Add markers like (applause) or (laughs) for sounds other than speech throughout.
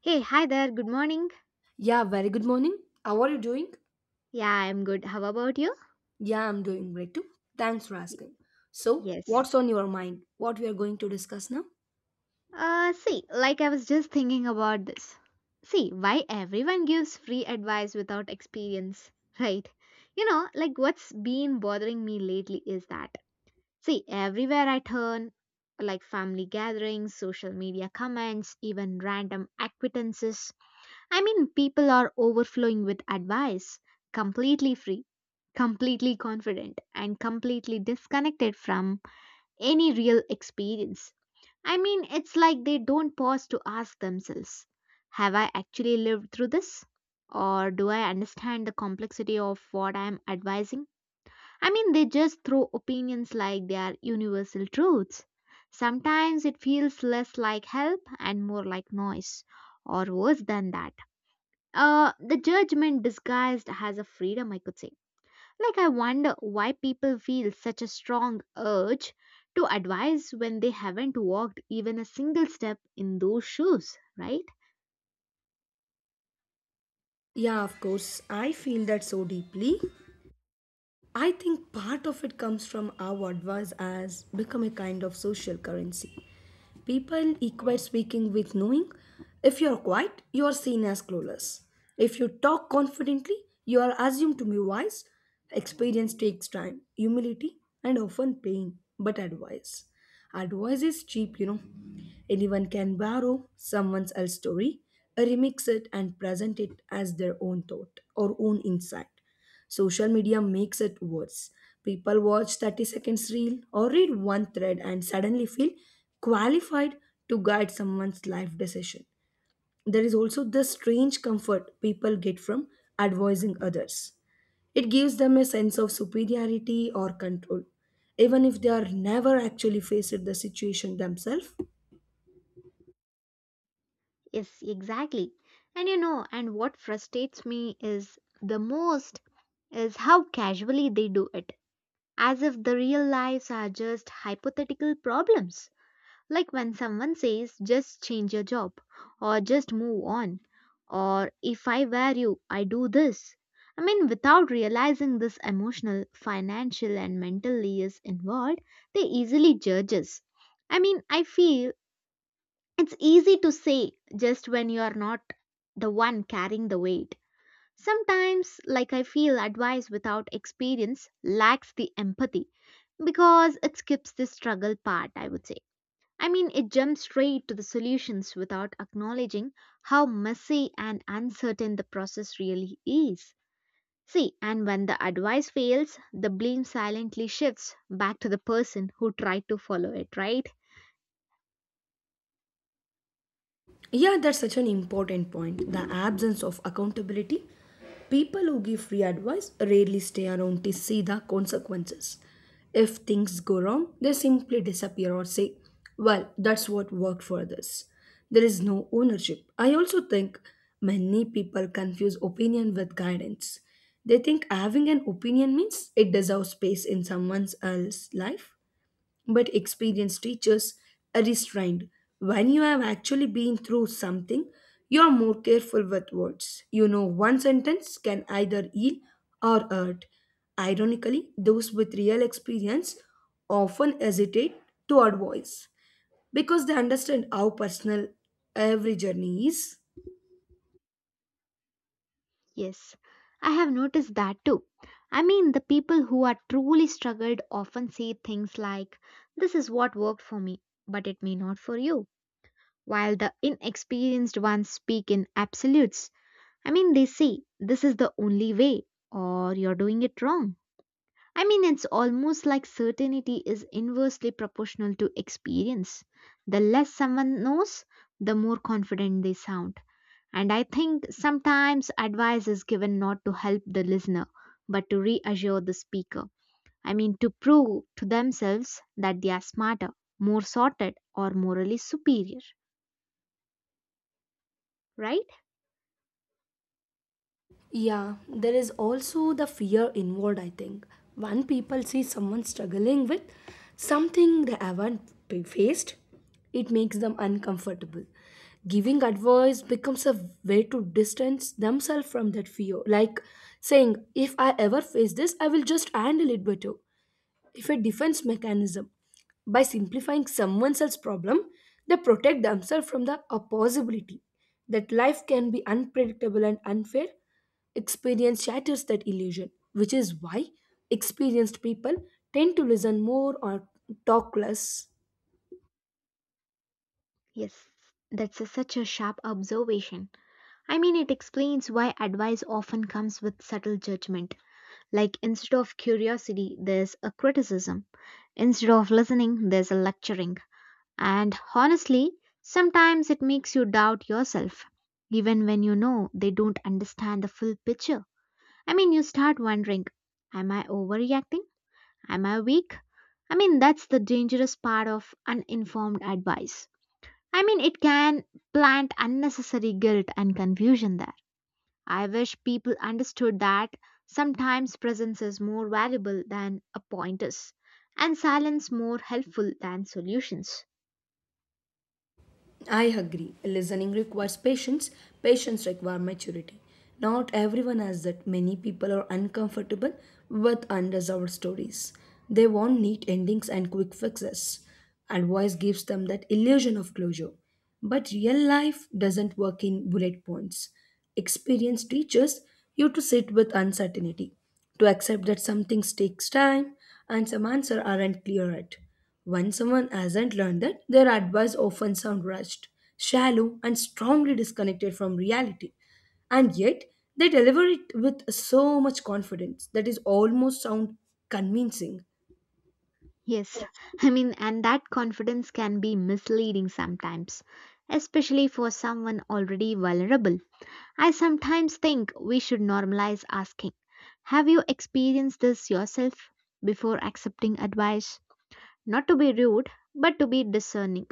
Hey, hi there. Good morning. Yeah, very good morning. How are you doing? Yeah, I'm good. How about you? Yeah, I'm doing great too. Thanks for Y- asking. So, yes. what's on your mind? What we are going to discuss now? See, I was just thinking about this. See, why everyone gives free advice without experience, (laughs) right? You know, like what's been bothering me lately is that, see, everywhere I turn, like family gatherings, social media comments, even random acquaintances, I mean, people are overflowing with advice, completely free, completely confident, and completely disconnected from any real experience. I mean, it's like they don't pause to ask themselves, have I actually lived through this? Or do I understand the complexity of what I am advising? I mean, they just throw opinions like they are universal truths. Sometimes it feels less like help and more like noise, or worse than that, the judgment disguised as a freedom, I could say. Like, I wonder why people feel such a strong urge to advise when they haven't walked even a single step in those shoes, right? Yeah, of course. I feel that so deeply. I think part of it comes from our advice as become a kind of social currency. People equate speaking with knowing. If you're quiet, you're seen as clueless. If you talk confidently, you are assumed to be wise. Experience takes time, humility, and often pain, but advice. Advice is cheap, you know. Anyone can borrow someone else's story, remix it, and present it as their own thought or own insight. Social media makes it worse. People watch 30 seconds reel or read one thread and suddenly feel qualified to guide someone's life decision. There is also the strange comfort people get from advising others. It gives them a sense of superiority or control, even if they are never actually faced the situation themselves. Yes, exactly. And you know, and what frustrates me is the most is how casually they do it, as if the real lives are just hypothetical problems. Like when someone says, just change your job, or just move on, or if I were you, I do this. I mean, without realizing this emotional, financial, and mental layers involved, they easily judge us. I mean, I feel it's easy to say just when you are not the one carrying the weight. Sometimes, like I feel, advice without experience lacks the empathy because it skips the struggle part, I would say. I mean, it jumps straight to the solutions without acknowledging how messy and uncertain the process really is. See, and when the advice fails, the blame silently shifts back to the person who tried to follow it, right? Yeah, that's such an important point. The absence of accountability. People who give free advice rarely stay around to see the consequences. If things go wrong, they simply disappear or say, "Well, that's what worked for this." There is no ownership. I also think many people confuse opinion with guidance. They think having an opinion means it deserves space in someone else's life, but experienced teachers are restrained. When you have actually been through something, you are more careful with words. You know, one sentence can either heal or hurt. Ironically, those with real experience often hesitate to advise because they understand how personal every journey is. Yes, I have noticed that too. I mean, the people who are truly struggled often say things like, this is what worked for me, but it may not for you, while the inexperienced ones speak in absolutes. I mean, they say this is the only way, or you're doing it wrong. I mean, it's almost like certainty is inversely proportional to experience. The less someone knows, the more confident they sound. And I think sometimes advice is given not to help the listener, but to reassure the speaker. I mean, to prove to themselves that they are smarter, more sorted, or morally superior, right? Yeah, there is also the fear involved, I think. When people see someone struggling with something they haven't faced, it makes them uncomfortable. Giving advice becomes a way to distance themselves from that fear. Like saying, if I ever face this, I will just handle it better if a defense mechanism. By simplifying someone else's problem, they protect themselves from the possibility that life can be unpredictable and unfair. Experience shatters that illusion, which is why experienced people tend to listen more or talk less. Yes, such a sharp observation. I mean, it explains why advice often comes with subtle judgment. Like, instead of curiosity, there's a criticism. Instead of listening, there's a lecturing. And honestly, sometimes it makes you doubt yourself, even when you know they don't understand the full picture. I mean, you start wondering, am I overreacting? Am I weak? I mean, that's the dangerous part of uninformed advice. I mean, it can plant unnecessary guilt and confusion there. I wish people understood that sometimes presence is more valuable than a pointers and silence more helpful than solutions. I agree. Listening requires patience. Patience requires maturity. Not everyone has that. Many people are uncomfortable with unresolved stories. They want neat endings and quick fixes. Advice gives them that illusion of closure. But real life doesn't work in bullet points. Experience teaches you to sit with uncertainty, to accept that some things takes time and some answers aren't clear yet. When someone hasn't learned that, their advice often sound rushed, shallow, and strongly disconnected from reality. And yet, they deliver it with so much confidence that is almost sound convincing. Yes, (laughs) I mean, and that confidence can be misleading sometimes, especially for someone already vulnerable. I sometimes think we should normalize asking. Have you experienced this yourself before accepting advice? Not to be rude, but to be discerning.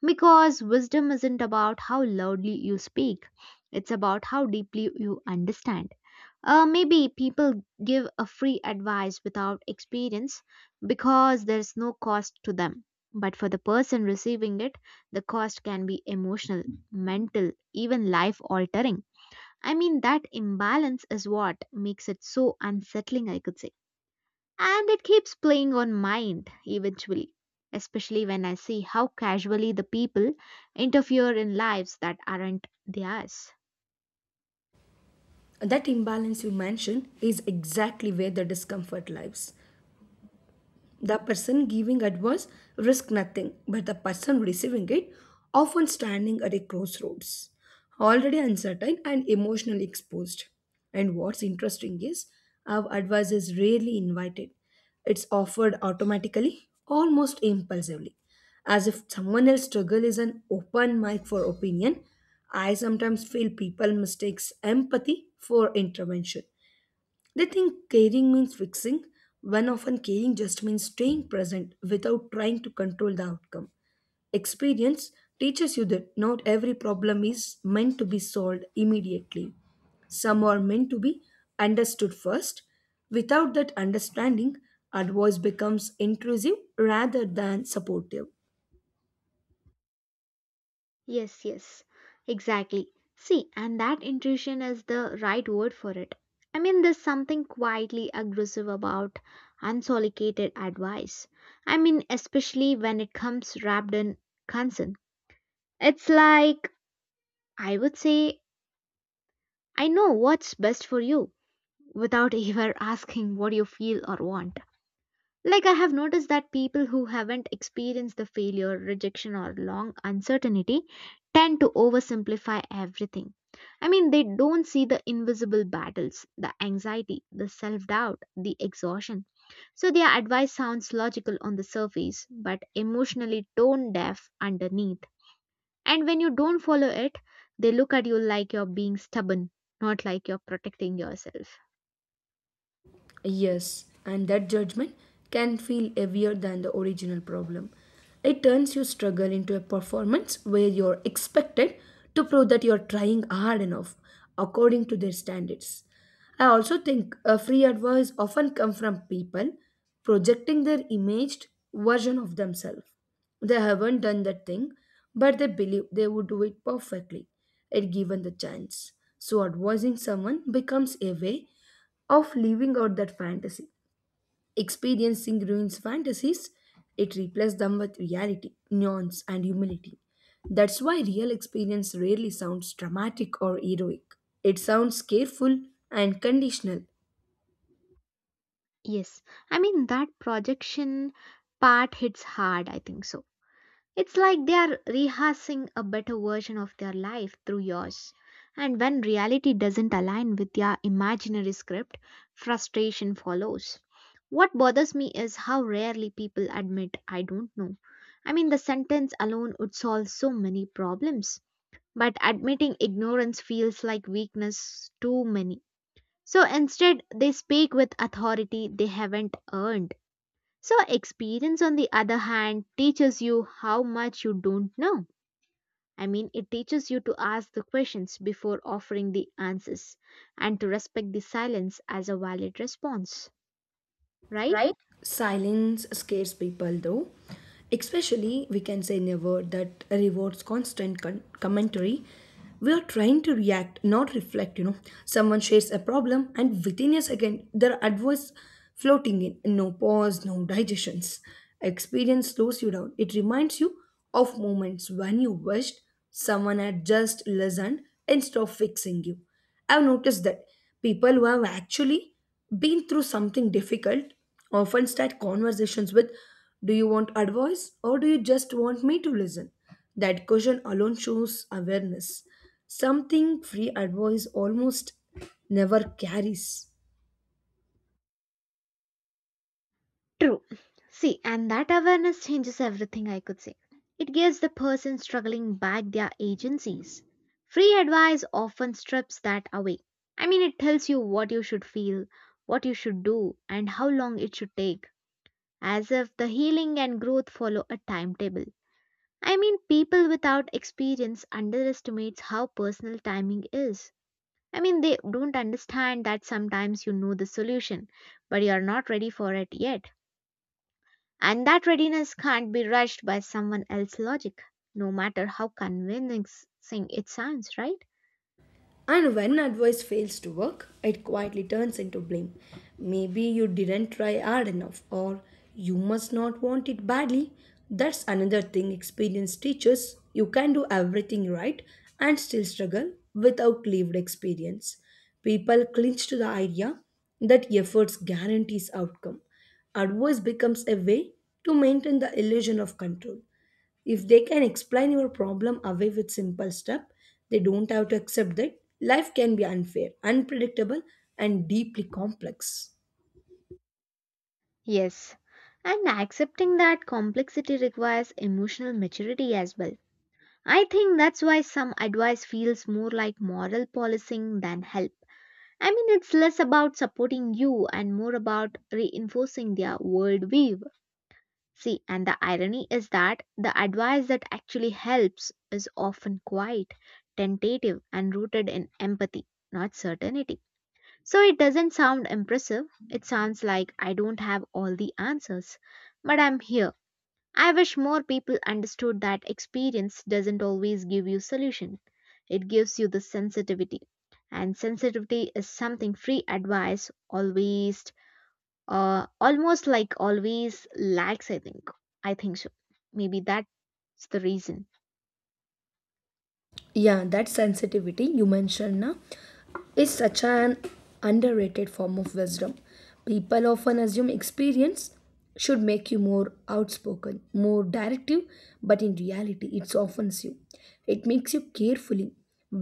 Because wisdom isn't about how loudly you speak, it's about how deeply you understand. Maybe people give a free advice without experience because there's no cost to them. But for the person receiving it, the cost can be emotional, mental, even life altering. I mean, that imbalance is what makes it so unsettling, I could say. And it keeps playing on mind eventually, especially when I see how casually the people interfere in lives that aren't theirs. That imbalance you mentioned is exactly where the discomfort lies. The person giving advice risks nothing, but the person receiving it often standing at a crossroads, already uncertain and emotionally exposed. And what's interesting is our advice is rarely invited. It's offered automatically, almost impulsively. As if someone else's struggle is an open mic for opinion, I sometimes feel people mistakes empathy for intervention, they think caring means fixing, when often caring just means staying present without trying to control the outcome. Experience teaches you that not every problem is meant to be solved immediately. Some are meant to be understood first. Without that understanding, advice becomes intrusive rather than supportive. Yes, exactly. See, and that intuition is the right word for it. I mean, there's something quietly aggressive about unsolicited advice. I mean, especially when it comes wrapped in concern. It's like, I would say, I know what's best for you, without (laughs) ever asking what you feel or want. Like, I have noticed that people who haven't experienced the failure, rejection, or long uncertainty tend to oversimplify everything. I mean, they don't see the invisible battles, the anxiety, the self doubt, the exhaustion. So their advice sounds logical on the surface, but emotionally tone deaf underneath. And when you don't follow it, they look at you like you're being stubborn, not like you're protecting yourself. Yes, and that judgment can feel heavier than the original problem. It turns your struggle into a performance where you're expected to prove that you're trying hard enough according to their standards. I also think a free advice often comes from people projecting their imaged version of themselves. They haven't done that thing, but they believe they would do it perfectly if given the chance. So, advising someone becomes a way of living out that fantasy. Experiencing ruins fantasies, it replaces them with reality, nuance, and humility. That's why real experience rarely sounds dramatic or heroic. It sounds careful and conditional. Yes, I mean that projection part hits hard, I think so. It's like they are rehearsing a better version of their life through yours. And when reality doesn't align with their imaginary script, frustration follows. What bothers me is how rarely people admit, I don't know. I mean, the sentence alone would solve so many problems, but admitting ignorance feels like weakness to many. So instead, they speak with authority they haven't earned. So, experience, on the other hand, teaches you how much you don't know. I mean, it teaches you to ask the questions before offering the answers and to respect the silence as a valid response, right? Silence scares people though. Especially, we can say in a word that rewards constant commentary. We are trying to react, not reflect, you know. Someone shares a problem, and within a second, there are advice floating in. No pause, no digestions. Experience slows you down. It reminds you of moments when you wished someone had just listened instead of fixing you. I've noticed that people who have actually been through something difficult often start conversations with, "Do you want advice or do you just want me to listen?" That question alone shows awareness. Something free advice almost never carries. True. See, and that awareness changes everything, I could say. It gives the person struggling back their agencies. Free advice often strips that away. I mean, it tells you what you should feel, what you should do, and how long it should take, as if the healing and growth follow a timetable. I mean, people without experience underestimates how personal timing is. I mean, they don't understand that sometimes you know the solution, but you are not ready for it yet and that readiness can't be rushed by someone else's logic, no matter how convincing it sounds, right? And when advice fails to work, it quietly turns into blame. Maybe you didn't try hard enough, or you must not want it badly. That's another thing experience teaches. You can do everything right and still struggle without lived experience. People cling to the idea that efforts guarantees outcome. Advice becomes a way to maintain the illusion of control. If they can explain your problem away with simple step, they don't have to accept that life can be unfair, unpredictable, and deeply complex. Yes. And accepting that complexity requires emotional maturity as well. I think that's why some advice feels more like moral policing than help. I mean, it's less about supporting you and more about reinforcing their worldview. See, and the irony is that the advice that actually helps is often quiet, tentative, and rooted in empathy, not certainty. So it doesn't sound impressive. It sounds like I don't have all the answers, but I'm here. I wish more people understood that experience doesn't always give you solution. It gives you the sensitivity. And sensitivity is something free advice always, almost like always lags, I think. I think so. Maybe that's the reason. Yeah, that sensitivity you mentioned now is such an underrated form of wisdom. People often assume experience should make you more outspoken, more directive, but in reality, it softens you. It makes you carefully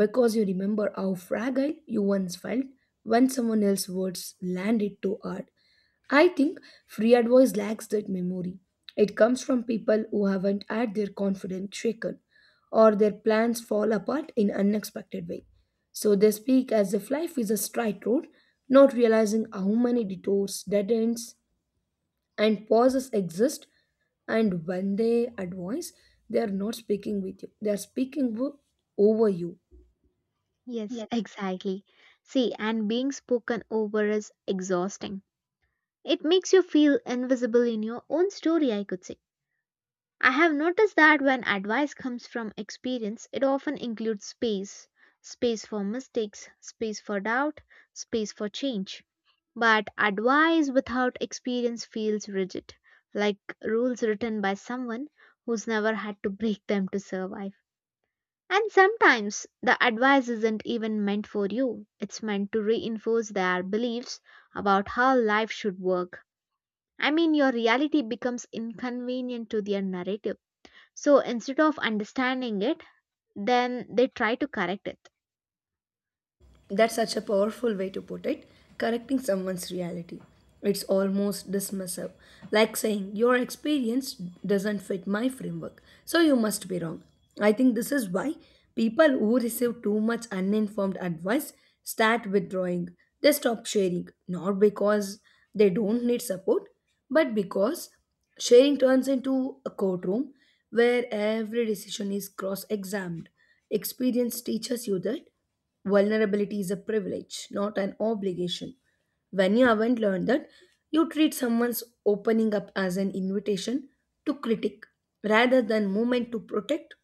because you remember how fragile you once felt when someone else's words landed too hard. I think free advice lacks that memory. It comes from people who haven't had their confidence shaken or their plans fall apart in unexpected way. So they speak as if life is a straight road, not realizing how many detours, dead ends, and pauses exist. And when they advise, they are not speaking with you, they are speaking over you. Yes, exactly. See, and being spoken over is exhausting. It makes you feel invisible in your own story, I could say. I have noticed that when advice comes from experience, it often includes space. Space for mistakes, space for doubt, space for change. But advice without experience feels rigid, like rules written by someone who's never had to break them to survive. And sometimes the advice isn't even meant for you, it's meant to reinforce their beliefs about how life should work. I mean, your reality becomes inconvenient to their narrative, so instead of understanding it, then they try to correct it. That's such a powerful way to put it. Correcting someone's reality. It's almost dismissive, like saying, "Your experience doesn't fit my framework, so you must be wrong." I think this is why people who receive too much uninformed advice start withdrawing. They stop sharing, not because they don't need support, but because sharing turns into a courtroom where every decision is cross examined. Experience teaches you that. Vulnerability is a privilege, not an obligation. When you haven't learned that, you treat someone's opening up as an invitation to critique rather than moment to protect,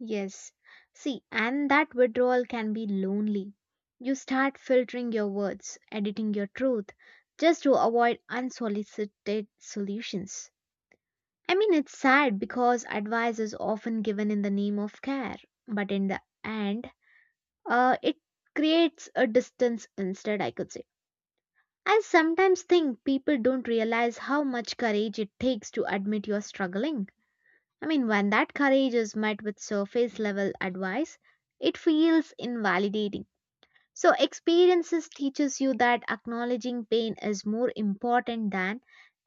Yes. See, and that withdrawal can be lonely. You start filtering your words, editing your truth, just to avoid unsolicited solutions. I mean, it's sad because advice is often given in the name of care, but in the end, it creates a distance instead, I could say. I sometimes think people don't realize how much courage it takes to admit you're struggling. I mean, when that courage is met with surface level advice, it feels invalidating. So experiences teaches you that acknowledging pain is more important than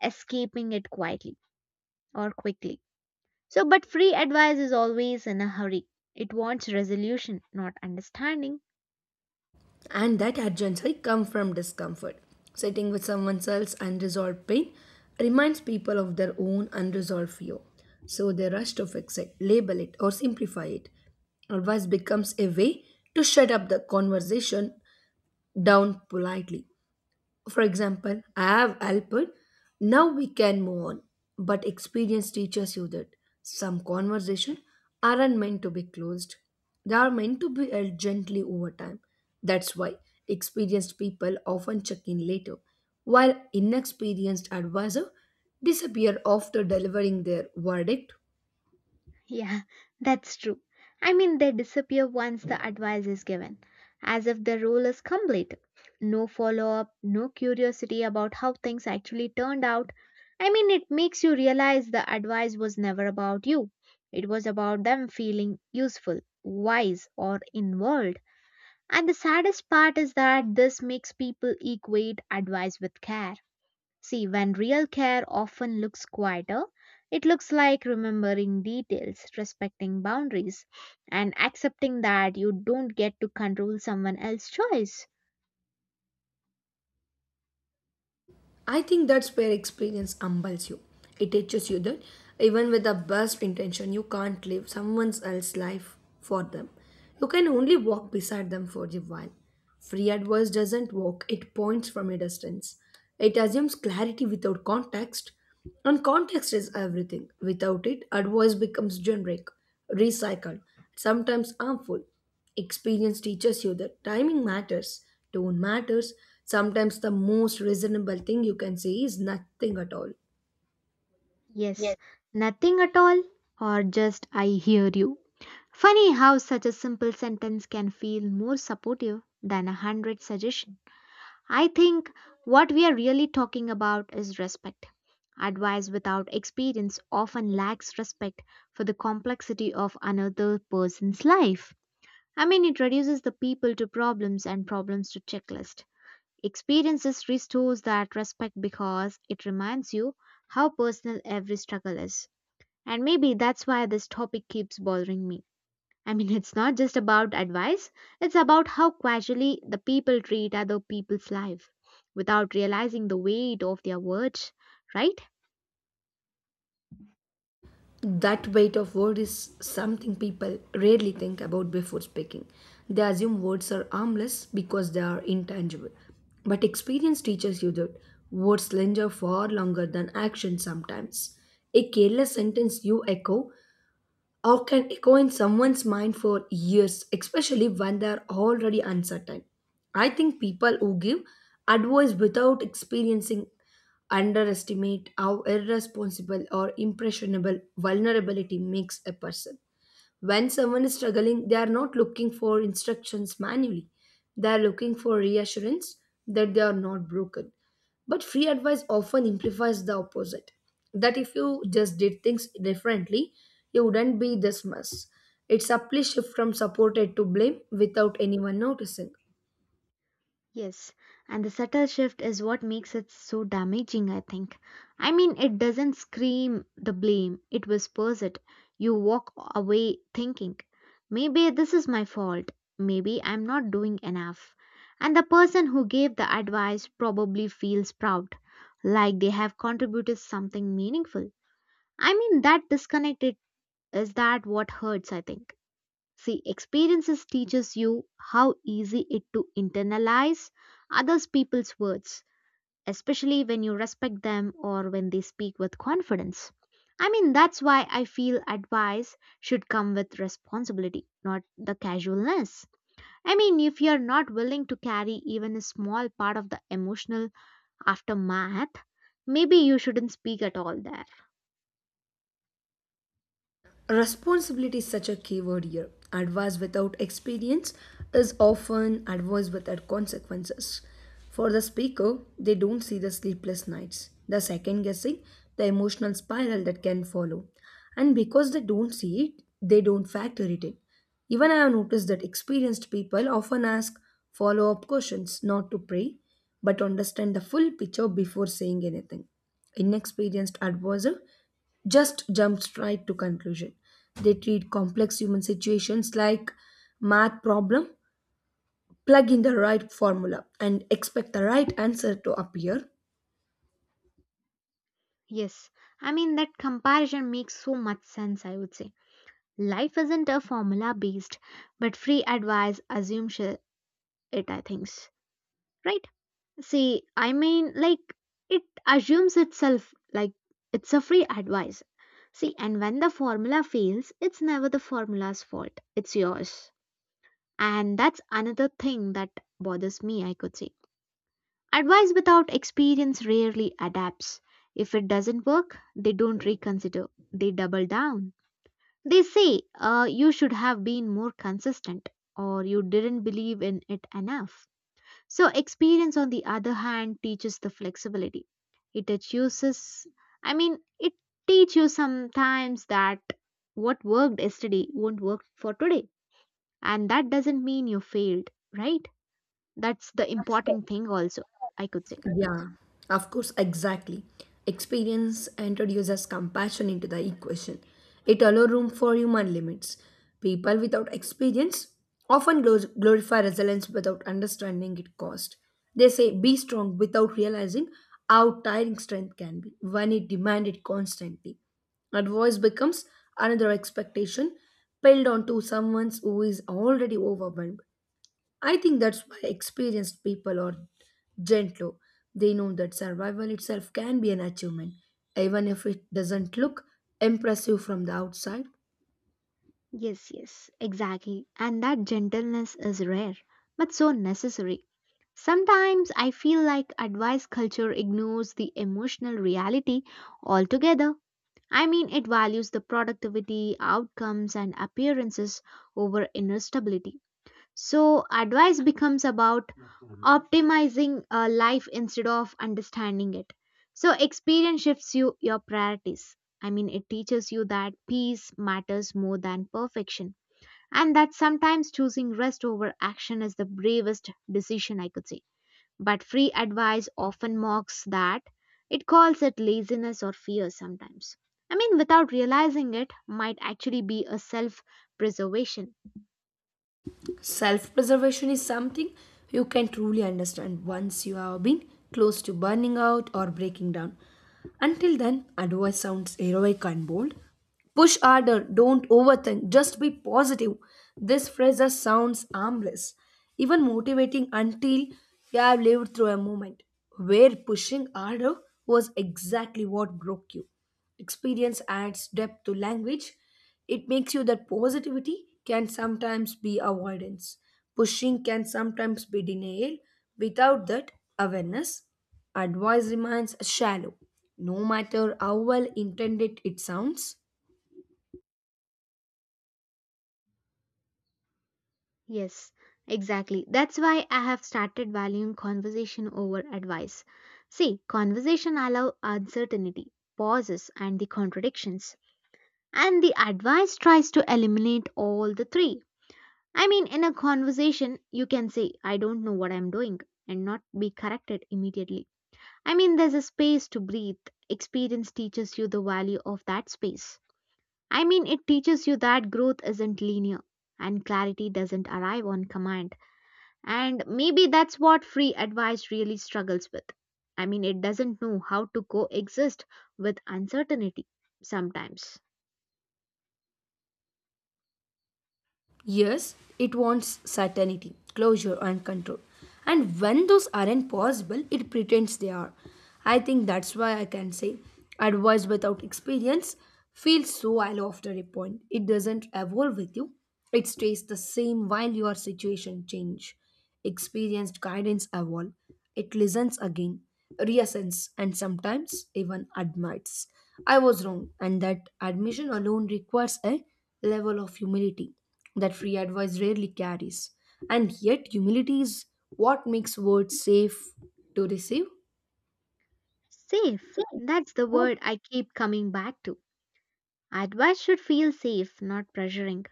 escaping it quietly or quickly. So, but free advice is always in a hurry. It wants resolution, not understanding. and that urgency comes from discomfort. Sitting with someone else's unresolved pain reminds people of their own unresolved fear, so they rush to fix it, label it, or simplify it. Advice becomes a way to shut up the conversation down politely. For example, "I have helped, now we can move on." But experience teaches you that some conversations aren't meant to be closed, they are meant to be held gently over time. That's why experienced people often check in later, while inexperienced advisors disappear after delivering their verdict. Yeah, that's true. I mean, they disappear once the advice is given, as if the role is complete. No follow up, no curiosity about how things actually turned out. I mean, it makes you realize the advice was never about you, it was about them feeling useful, wise, or involved. And the saddest part is that this makes people equate advice with care. See, when real care often looks quieter, it looks like remembering details, respecting boundaries, and accepting that you don't get to control someone else's choice. I think that's where experience humbles you. It teaches you that even with the best intention, you can't live someone else's life for them. You can only walk beside them for a while. Free advice doesn't walk, it points from a distance. It assumes clarity without context, and context is everything. Without it, advice becomes generic, recycled, sometimes harmful. Experience teaches you that timing matters, tone matters. Sometimes the most reasonable thing you can say is nothing at all. Yes, nothing at all, or just I hear you. Funny how such a simple sentence can feel more supportive than a hundred suggestions. I think what we are really talking about is respect. Advice without experience often lacks respect for the complexity of another person's life. I mean, it reduces the people to problems and problems to checklist. Experiences restores that respect because it reminds you how personal every struggle is. And maybe that's why this topic keeps bothering me. I mean, it's not just about advice, it's about how casually the people treat other people's life without realizing the weight of their words, right? That weight of word is something people rarely think about before speaking. They assume words are harmless because they are intangible. But experience teaches you that words linger far longer than action sometimes. A careless sentence you echo or can echo in someone's mind for years, especially when they're already uncertain. I think people who give advice without experiencing underestimate how irresponsible or impressionable vulnerability makes a person. When someone is struggling, they are not looking for instructions manually, they are looking for reassurance that they are not broken. But free advice often implies the opposite, that if you just did things differently, you wouldn't be this mess. It's a subtly shift from supported to blame without anyone noticing. Yes, and the subtle shift is what makes it so damaging, I think. I mean, it doesn't scream the blame, it whispers it. You walk away thinking, maybe this is my fault, maybe I'm not doing enough. And the person who gave the advice probably feels proud, like they have contributed something meaningful. I mean, that disconnected is that what hurts, I think. See, experiences teaches you how easy it to internalize others people's words, especially when you respect them or when they speak with confidence. I mean, that's why I feel advice should come with responsibility, not the casualness. I mean, if you're not willing to carry even a small part of the emotional aftermath, maybe you shouldn't speak at all there. Responsibility is such a key word here. Advice without experience is often advice without consequences. For the speaker, they don't see the sleepless nights, the second guessing, the emotional spiral that can follow. And because they don't see it, they don't factor it in. Even I have noticed that experienced people often ask follow up questions, not to pray, but to understand the full picture before saying anything. Inexperienced advisor just jump straight to conclusion. They treat complex human situations like math problem, plug in the right formula and expect the right answer to appear. Yes, I mean, that comparison makes so much sense, I would say. Life isn't a formula based, but free advice assumes it, I think. Right? See, I mean, like, it assumes itself, like, it's a free advice. See, and when the formula fails, it's never the formula's fault, it's yours. And that's another thing that bothers me, I could say. Advice without experience rarely adapts. If it doesn't work, they don't reconsider, they double down. They say you should have been more consistent or you didn't believe in it enough. So, experience, on the other hand, teaches the flexibility. It teaches, I mean, it teaches you sometimes that what worked yesterday won't work for today. And that doesn't mean you failed, right? That's the important thing, also, I could say. Yeah, of course, exactly. Experience introduces compassion into the equation. It allows room for human limits. People without experience often glorify resilience without understanding its cost. They say be strong without realizing how tiring strength can be when it demanded constantly. Advice becomes another expectation piled onto someone who is already overwhelmed. I think that's why experienced people are gentle. They know that survival itself can be an achievement, even if it doesn't look impressive from the outside. Yes, yes, exactly. And that gentleness is rare, but so necessary. Sometimes I feel like advice culture ignores the emotional reality altogether. I mean, it values the productivity, outcomes, and appearances over inner stability. So, advice becomes about optimizing a life instead of understanding it. So, experience shifts you your priorities. I mean, it teaches you that peace matters more than perfection, and that sometimes choosing rest over action is the bravest decision, I could say. But free advice often mocks that. It calls it laziness or fear sometimes. I mean, without realizing it, might actually be a self preservation. Think Self-preservation is something you can truly understand once you have been close to burning out or breaking down. Until then, advice sounds heroic and bold. Push harder, don't overthink, just be positive. This phrase just sounds harmless, even motivating, until you have lived through a moment where pushing harder was exactly what broke you. Experience adds depth to language. It makes you that positivity can sometimes be avoidance. Pushing can sometimes be denial. Without that awareness, advice remains shallow, no matter how well intended it sounds. Yes, exactly. That's why I have started valuing conversation over advice. See, conversation allow uncertainty, pauses, and the contradictions. And the advice tries to eliminate all the three. I mean, in a conversation, you can say, I don't know what I'm doing, and not be corrected immediately. I mean, there's a space to breathe. Experience teaches you the value of that space. I mean, it teaches you that growth isn't linear and clarity doesn't arrive on command. And maybe that's what free advice really struggles with. I mean, it doesn't know how to coexist with uncertainty sometimes. Yes, it wants certainty, closure, and control. And when those aren't possible, it pretends they are. I think that's why I can say advice without experience feels so hollow after a point. It doesn't evolve with you, it stays the same while your situation change. Experienced guidance evolve, it listens again, reassents, and sometimes even admits, "I was wrong," and that admission alone requires a level of humility that free advice rarely carries. And yet, humility is what makes words safe to receive. Safe. That's the word I keep coming back to. Advice should feel safe, not pressuring.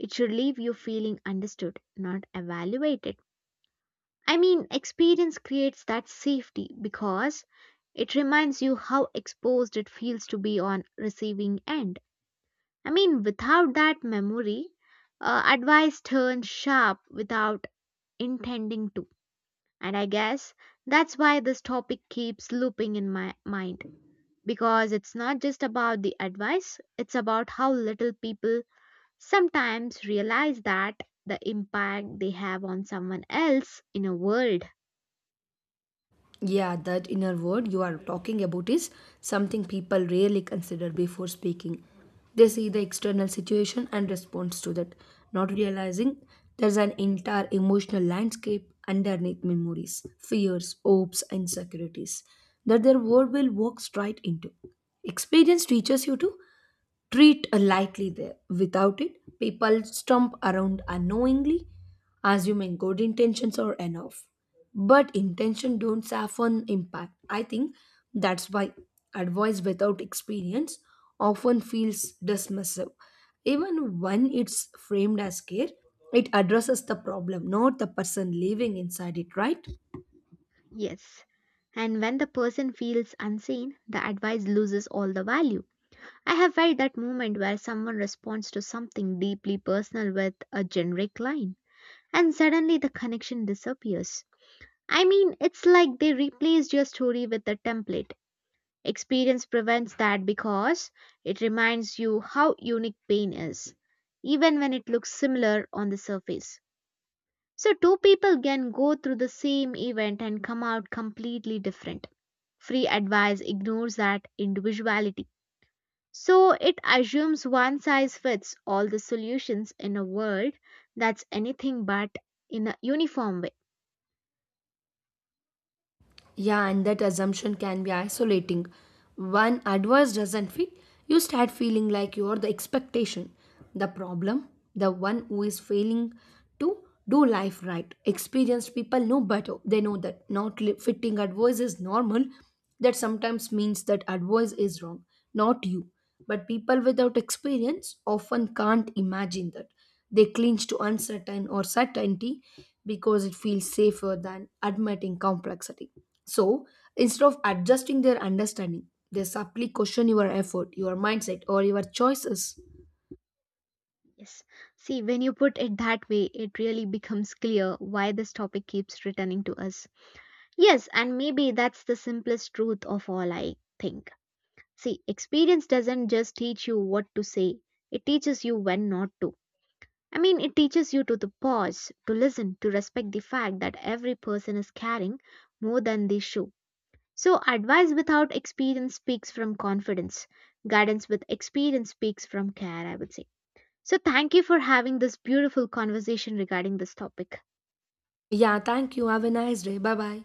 It should leave you feeling understood, not evaluated. I mean, experience creates that safety because it reminds you how exposed it feels to be on receiving end. I mean, without that memory, advice turns sharp without intending to. And I guess that's why this topic keeps looping in my mind because it's not just about the advice, it's about how little people sometimes realize that the impact they have on someone else in a world. Yeah, that inner word you are talking about is something people rarely consider before speaking. They see the external situation and response to that, not realizing there's an entire emotional landscape underneath memories, fears, hopes, and insecurities that their word will walk straight into. Experience teaches you to treat lightly there. Without it, people stump around unknowingly, assuming good intentions are enough. But intention don't soften impact. I think that's why advice without experience often feels dismissive. Even when it's framed as care, it addresses the problem, not the person living inside it, right? Yes. And when the person feels unseen, the advice loses all the value. I have felt that moment where someone responds to something deeply personal with a generic line, and suddenly the connection disappears. I mean, it's like they replaced your story with a template. Experience prevents that because it reminds you how unique pain is, even when it looks similar on the surface. So, two people can go through the same event and come out completely different. Free advice ignores that individuality. So, it assumes one size fits all the solutions in a world that's anything but in a uniform way. Yeah, and that assumption can be isolating. When advice doesn't fit, you start feeling like you're the expectation, the problem, the one who is failing to do life right. Experienced people know better. They know that not fitting advice is normal. That sometimes means that advice is wrong, not you. But people without experience often can't imagine that. They cling to uncertain or certainty because it feels safer than admitting complexity. So instead of adjusting their understanding, they subtly question your effort, your mindset, or your choices. Yes. See, when you put it that way, it really becomes clear why this topic keeps returning to us. Yes, and maybe that's the simplest truth of all, I think. See, experience doesn't just teach you what to say, it teaches you when not to. I mean, it teaches you to pause, to listen, to respect the fact that every person is carrying more than they show. So, advice without experience speaks from confidence. Guidance with experience speaks from care, I would say. So, thank you for having this beautiful conversation regarding this topic. Yeah, thank you. Have a nice day. Bye bye.